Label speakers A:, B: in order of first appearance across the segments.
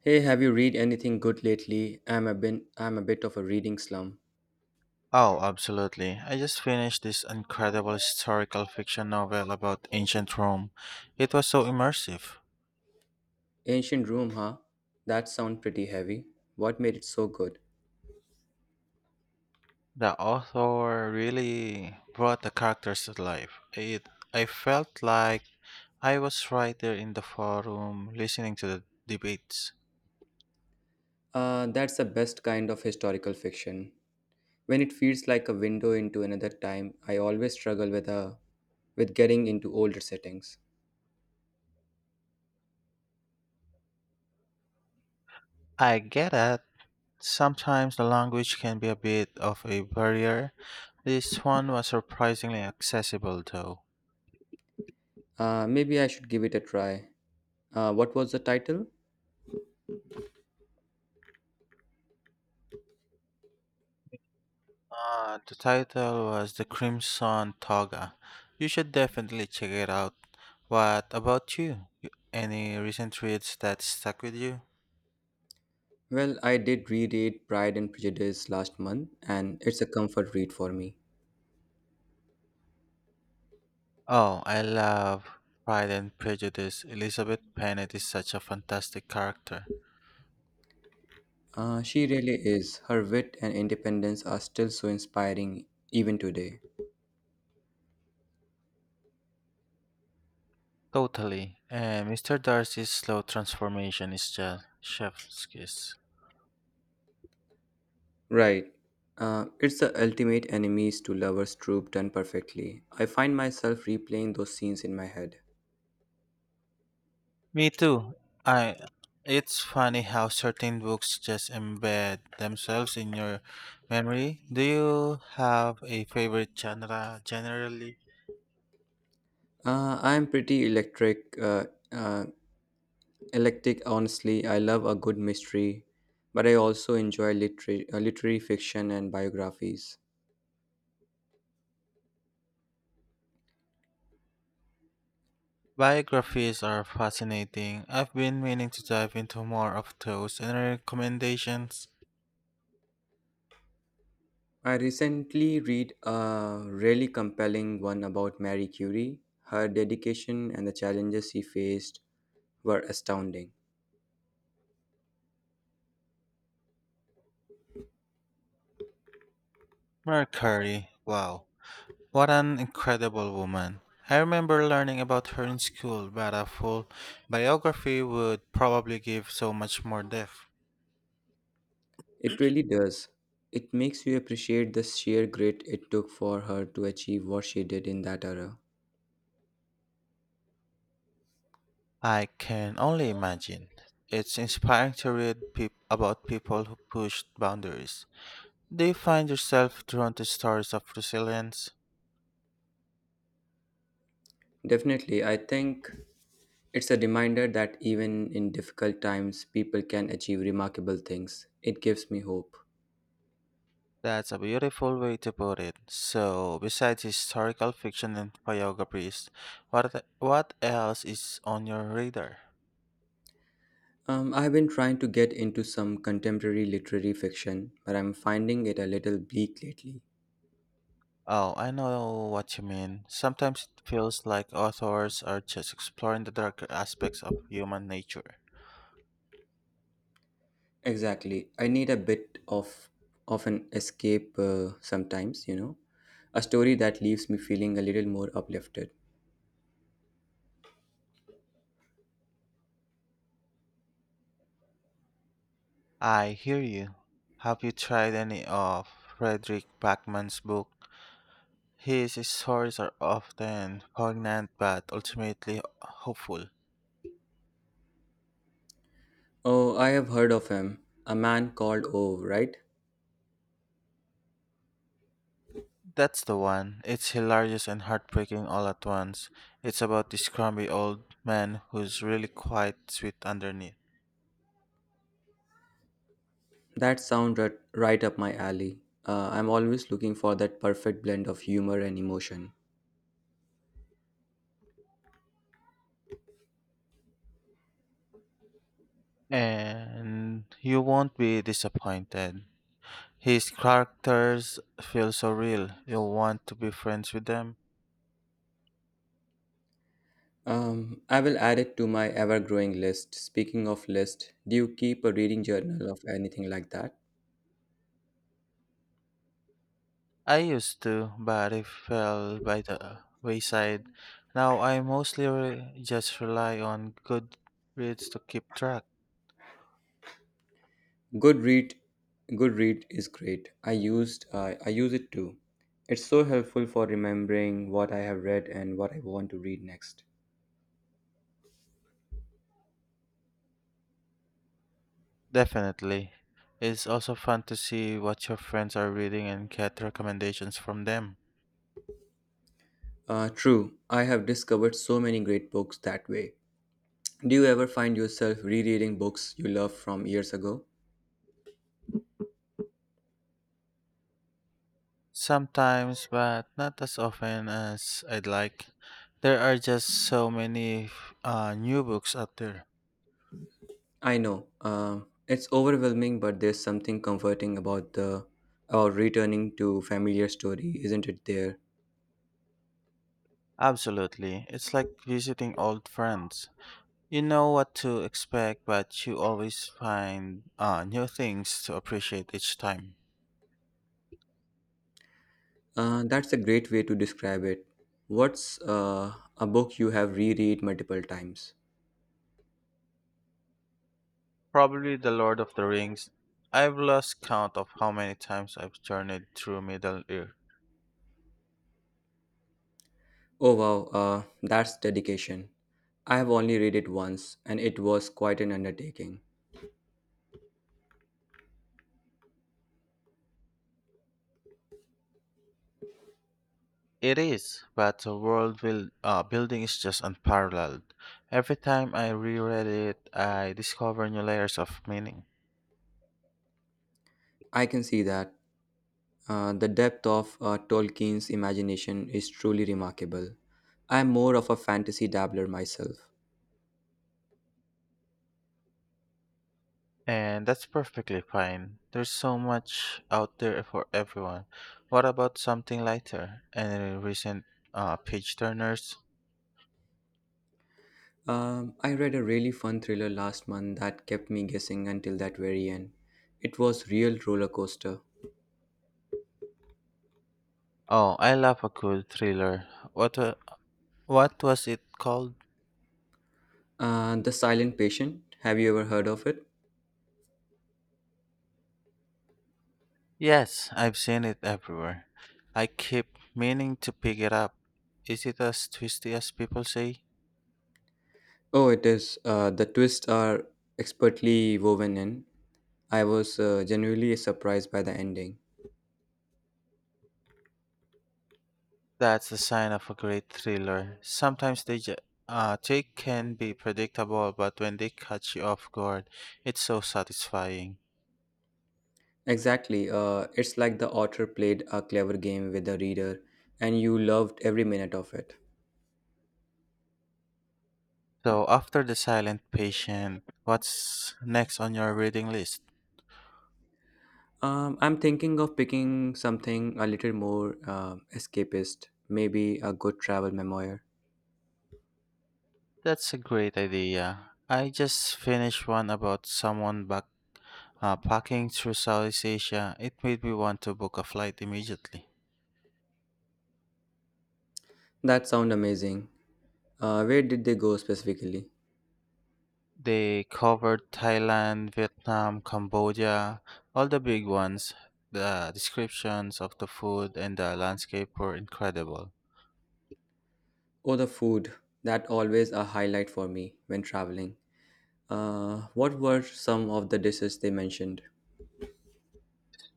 A: Hey, have you read anything good lately? I'm a bit of a reading slum.
B: Oh, absolutely. I just finished this incredible historical fiction novel about ancient Rome. It was so immersive.
A: Ancient Rome, huh? That sounds pretty heavy. What made it so good?
B: The author really brought the characters to life. I felt like I was right there in the forum listening to the debates.
A: That's the best kind of historical fiction. When it feels like a window into another time, I always struggle with getting into older settings.
B: I get it. Sometimes the language can be a bit of a barrier. This one was surprisingly accessible, though.
A: Maybe I should give it a try. What was the title?
B: The title was The Crimson Toga. You should definitely check it out. What about you? Any recent reads that stuck with you?
A: Well, I did reread Pride and Prejudice last month, and it's a comfort read for me.
B: Oh, I love Pride and Prejudice. Elizabeth Bennet is such a fantastic character.
A: She really is. Her wit and independence are still so inspiring even today.
B: Totally. And Mr. Darcy's slow transformation is just chef's kiss.
A: Right. It's the ultimate enemies to lovers trope done perfectly. I find myself replaying those scenes in my head.
B: Me too. I It's funny how certain books just embed themselves in your memory. Do you have a favorite genre generally?
A: I am pretty electric, uh, electric. Honestly, I love a good mystery, but I also enjoy literary, literary fiction and biographies.
B: Biographies are fascinating. I've been meaning to dive into more of those. Any recommendations?
A: I recently read a really compelling one about Marie Curie. Her dedication and the challenges she faced were astounding.
B: Mercury. Wow. What an incredible woman. I remember learning about her in school, but a full biography would probably give so much more depth.
A: It really does. It makes you appreciate the sheer grit it took for her to achieve what she did in that era.
B: I can only imagine. It's inspiring to read about people who pushed boundaries. Do you find yourself drawn to stories of resilience?
A: Definitely, I think it's a reminder that even in difficult times, people can achieve remarkable things. It gives me hope.
B: That's a beautiful way to put it. So, besides historical fiction and biographies, what else is on your radar?
A: I've been trying to get into some contemporary literary fiction, but I'm finding it a little bleak lately.
B: Oh, I know what you mean. Sometimes it feels like authors are just exploring the darker aspects of human nature.
A: Exactly. I need a bit of an escape sometimes, A story that leaves me feeling a little more uplifted.
B: I hear you. Have you tried any of Frederick Backman's book? His stories are often poignant but ultimately hopeful.
A: Oh, I have heard of him. A man called O, right?
B: That's the one. It's hilarious and heartbreaking all at once. It's about this grumpy old man who's really quite sweet underneath.
A: That sounds right, right up my alley. I'm always looking for that perfect blend of humor and emotion.
B: And you won't be disappointed. His characters feel so real. You'll want to be friends with them.
A: I will add it to my ever-growing list. Speaking of list, do you keep a reading journal of anything like that?
B: I used to, but it fell by the wayside. Now I mostly just rely on Goodreads to keep track.
A: Goodread, Goodread is great. I use it too. It's so helpful for remembering what I have read and what I want to read next.
B: Definitely. It's also fun to see what your friends are reading and get recommendations from them.
A: True, I have discovered so many great books that way. Do you ever find yourself rereading books you loved from years ago?
B: Sometimes, but not as often as I'd like. There are just so many new books out there.
A: I know, it's overwhelming, but there's something comforting about the about returning to familiar story, isn't it? There.
B: Absolutely. It's like visiting old friends. You know what to expect, but you always find new things to appreciate each time.
A: That's a great way to describe it. What's a book you have reread multiple times?
B: Probably The Lord of the Rings. I've lost count of how many times I've journeyed through Middle Earth.
A: Oh wow, that's dedication. I have only read it once, and it was quite an undertaking.
B: It is, but the world building is just unparalleled. Every time I reread it, I discover new layers of meaning.
A: I can see that. The depth of Tolkien's imagination is truly remarkable. I'm more of a fantasy dabbler myself.
B: And that's perfectly fine. There's so much out there for everyone. What about something lighter? Any recent page turners?
A: I read a really fun thriller last month that kept me guessing until that very end. It was real roller coaster.
B: Oh, I love a good thriller. What wa- What was it called?
A: The Silent Patient. Have you ever heard of it?
B: Yes, I've seen it everywhere. I keep meaning to pick it up. Is it as twisty as people say?
A: Oh, it is. The twists are expertly woven in. I was genuinely surprised by the ending.
B: That's a sign of a great thriller. Sometimes they can be predictable, but when they catch you off guard, it's so satisfying.
A: Exactly. It's like the author played a clever game with the reader, and you loved every minute of it.
B: So, after The Silent Patient, what's next on your reading list?
A: I'm thinking of picking something a little more escapist, maybe a good travel memoir.
B: That's a great idea. I just finished one about someone back packing through Southeast Asia. It made me want to book a flight immediately.
A: That sound amazing. Where did they go specifically?
B: They covered Thailand, Vietnam, Cambodia, all the big ones. The descriptions of the food and the landscape were incredible.
A: Oh, the food. That always a highlight for me when traveling. What were some of the dishes they mentioned?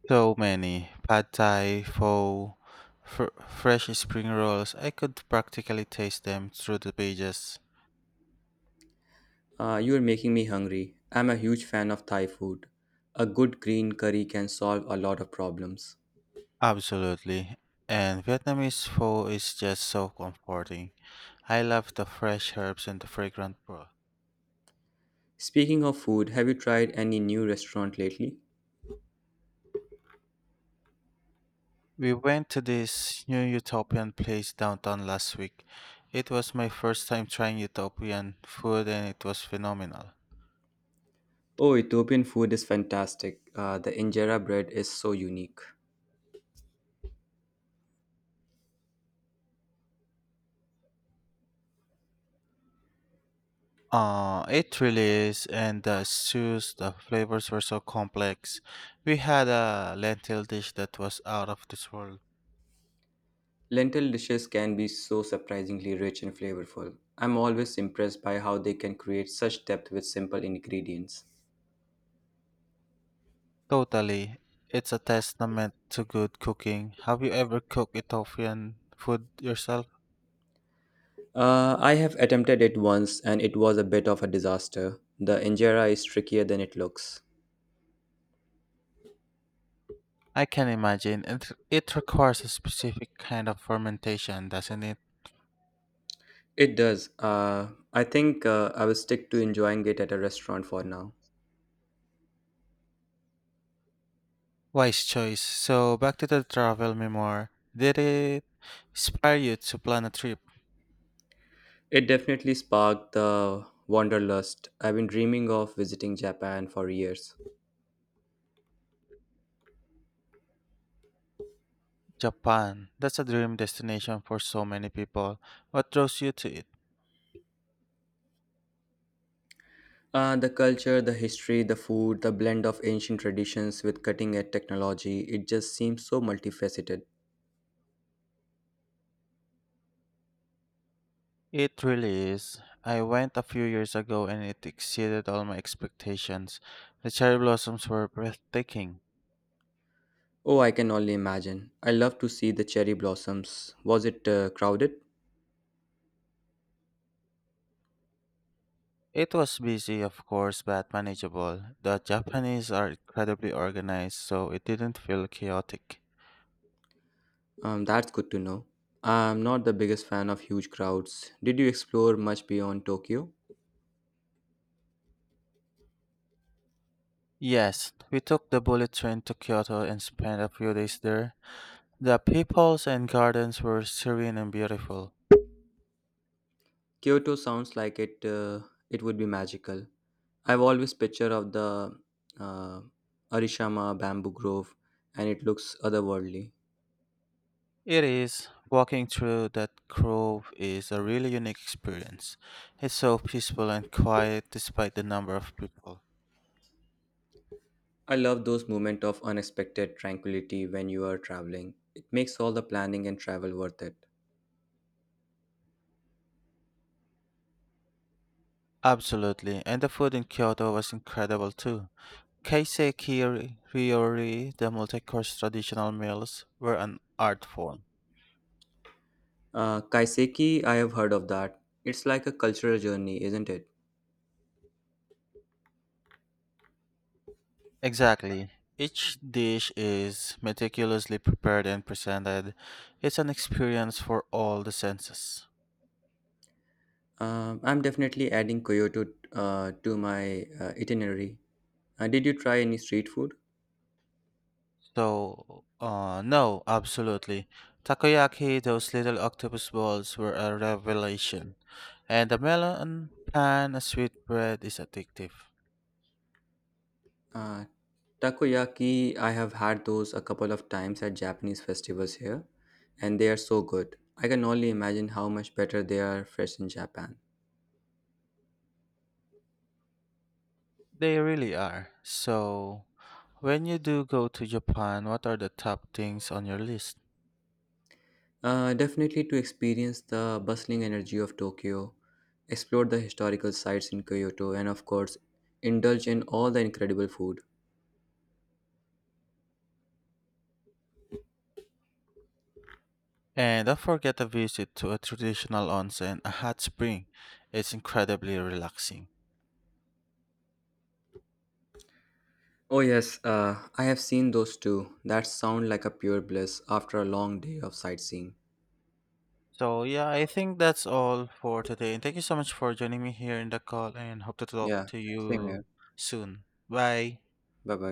B: So many. Pad Thai, pho, fresh spring rolls. I could practically taste them through the pages.
A: You are making me hungry. I'm a huge fan of Thai food. A good green curry can solve a lot of problems.
B: Absolutely. And Vietnamese pho is just so comforting. I love the fresh herbs and the fragrant broth.
A: Speaking of food, have you tried any new restaurant lately?
B: We went to this new utopian place downtown last week. It was my first time trying utopian food and it was phenomenal.
A: Oh, Ethiopian food is fantastic. The injera bread is so unique.
B: It really is, and the stews, the flavors were so complex. We had a lentil dish that was out of this world.
A: Lentil dishes can be so surprisingly rich and flavorful. I'm always impressed by how they can create such depth with simple ingredients.
B: Totally. It's a testament to good cooking. Have you ever cooked Ethiopian food yourself?
A: I have attempted it once and it was a bit of a disaster. The injera is trickier than it looks.
B: I can imagine. It requires a specific kind of fermentation, doesn't it?
A: It does. I think I will stick to enjoying it at a restaurant for now.
B: Wise choice. So, back to the travel memoir. Did it inspire you to plan a trip?
A: It definitely sparked the wanderlust. I've been dreaming of visiting Japan for years.
B: Japan. That's a dream destination for so many people. What draws you to it?
A: The culture, the history, the food, the blend of ancient traditions with cutting edge technology, it just seems so multifaceted.
B: It really is. I went a few years ago and it exceeded all my expectations. The cherry blossoms were breathtaking.
A: Oh, I can only imagine. I love to see the cherry blossoms. Was it crowded?
B: It was busy, of course, but manageable. The Japanese are incredibly organized, so it didn't feel chaotic.
A: That's good to know. I'm not the biggest fan of huge crowds. Did you explore much beyond Tokyo?
B: Yes, we took the bullet train to Kyoto and spent a few days there. The peoples and gardens were serene and beautiful.
A: Kyoto sounds like it. It would be magical. I've always picture of the uh, Arishama bamboo grove, and it looks otherworldly.
B: It is. Walking through that grove is a really unique experience. It's so peaceful and quiet despite the number of people.
A: I love those moments of unexpected tranquility when you are traveling. It makes all the planning and travel worth it.
B: Absolutely, and the food in Kyoto was incredible too. Ryori, the multi-course traditional meals, were an art form.
A: Kaiseki, I have heard of that. It's like a cultural journey, isn't it?
B: Exactly. Each dish is meticulously prepared and presented. It's an experience for all the senses.
A: I'm definitely adding Kyoto to my itinerary. Did you try any street food?
B: So, no, Absolutely. Takoyaki, those little octopus balls were a revelation. And the melon pan, a sweet bread is addictive.
A: Uh, takoyaki, I have had those a couple of times at Japanese festivals here, and they are so good. I can only imagine how much better they are fresh in Japan.
B: They really are. So, when you do go to Japan, what are the top things on your list?
A: Definitely to experience the bustling energy of Tokyo, explore the historical sites in Kyoto, and of course, indulge in all the incredible food.
B: And don't forget a visit to a traditional onsen, a hot spring. It's incredibly relaxing.
A: Oh yes, I have seen those too. That sound like a pure bliss after a long day of sightseeing.
B: So yeah, I think that's all for today. And thank you so much for joining me here in the call and hope to talk
A: Yeah,
B: to
A: same
B: you
A: here.
B: soon. Bye.
A: Bye bye.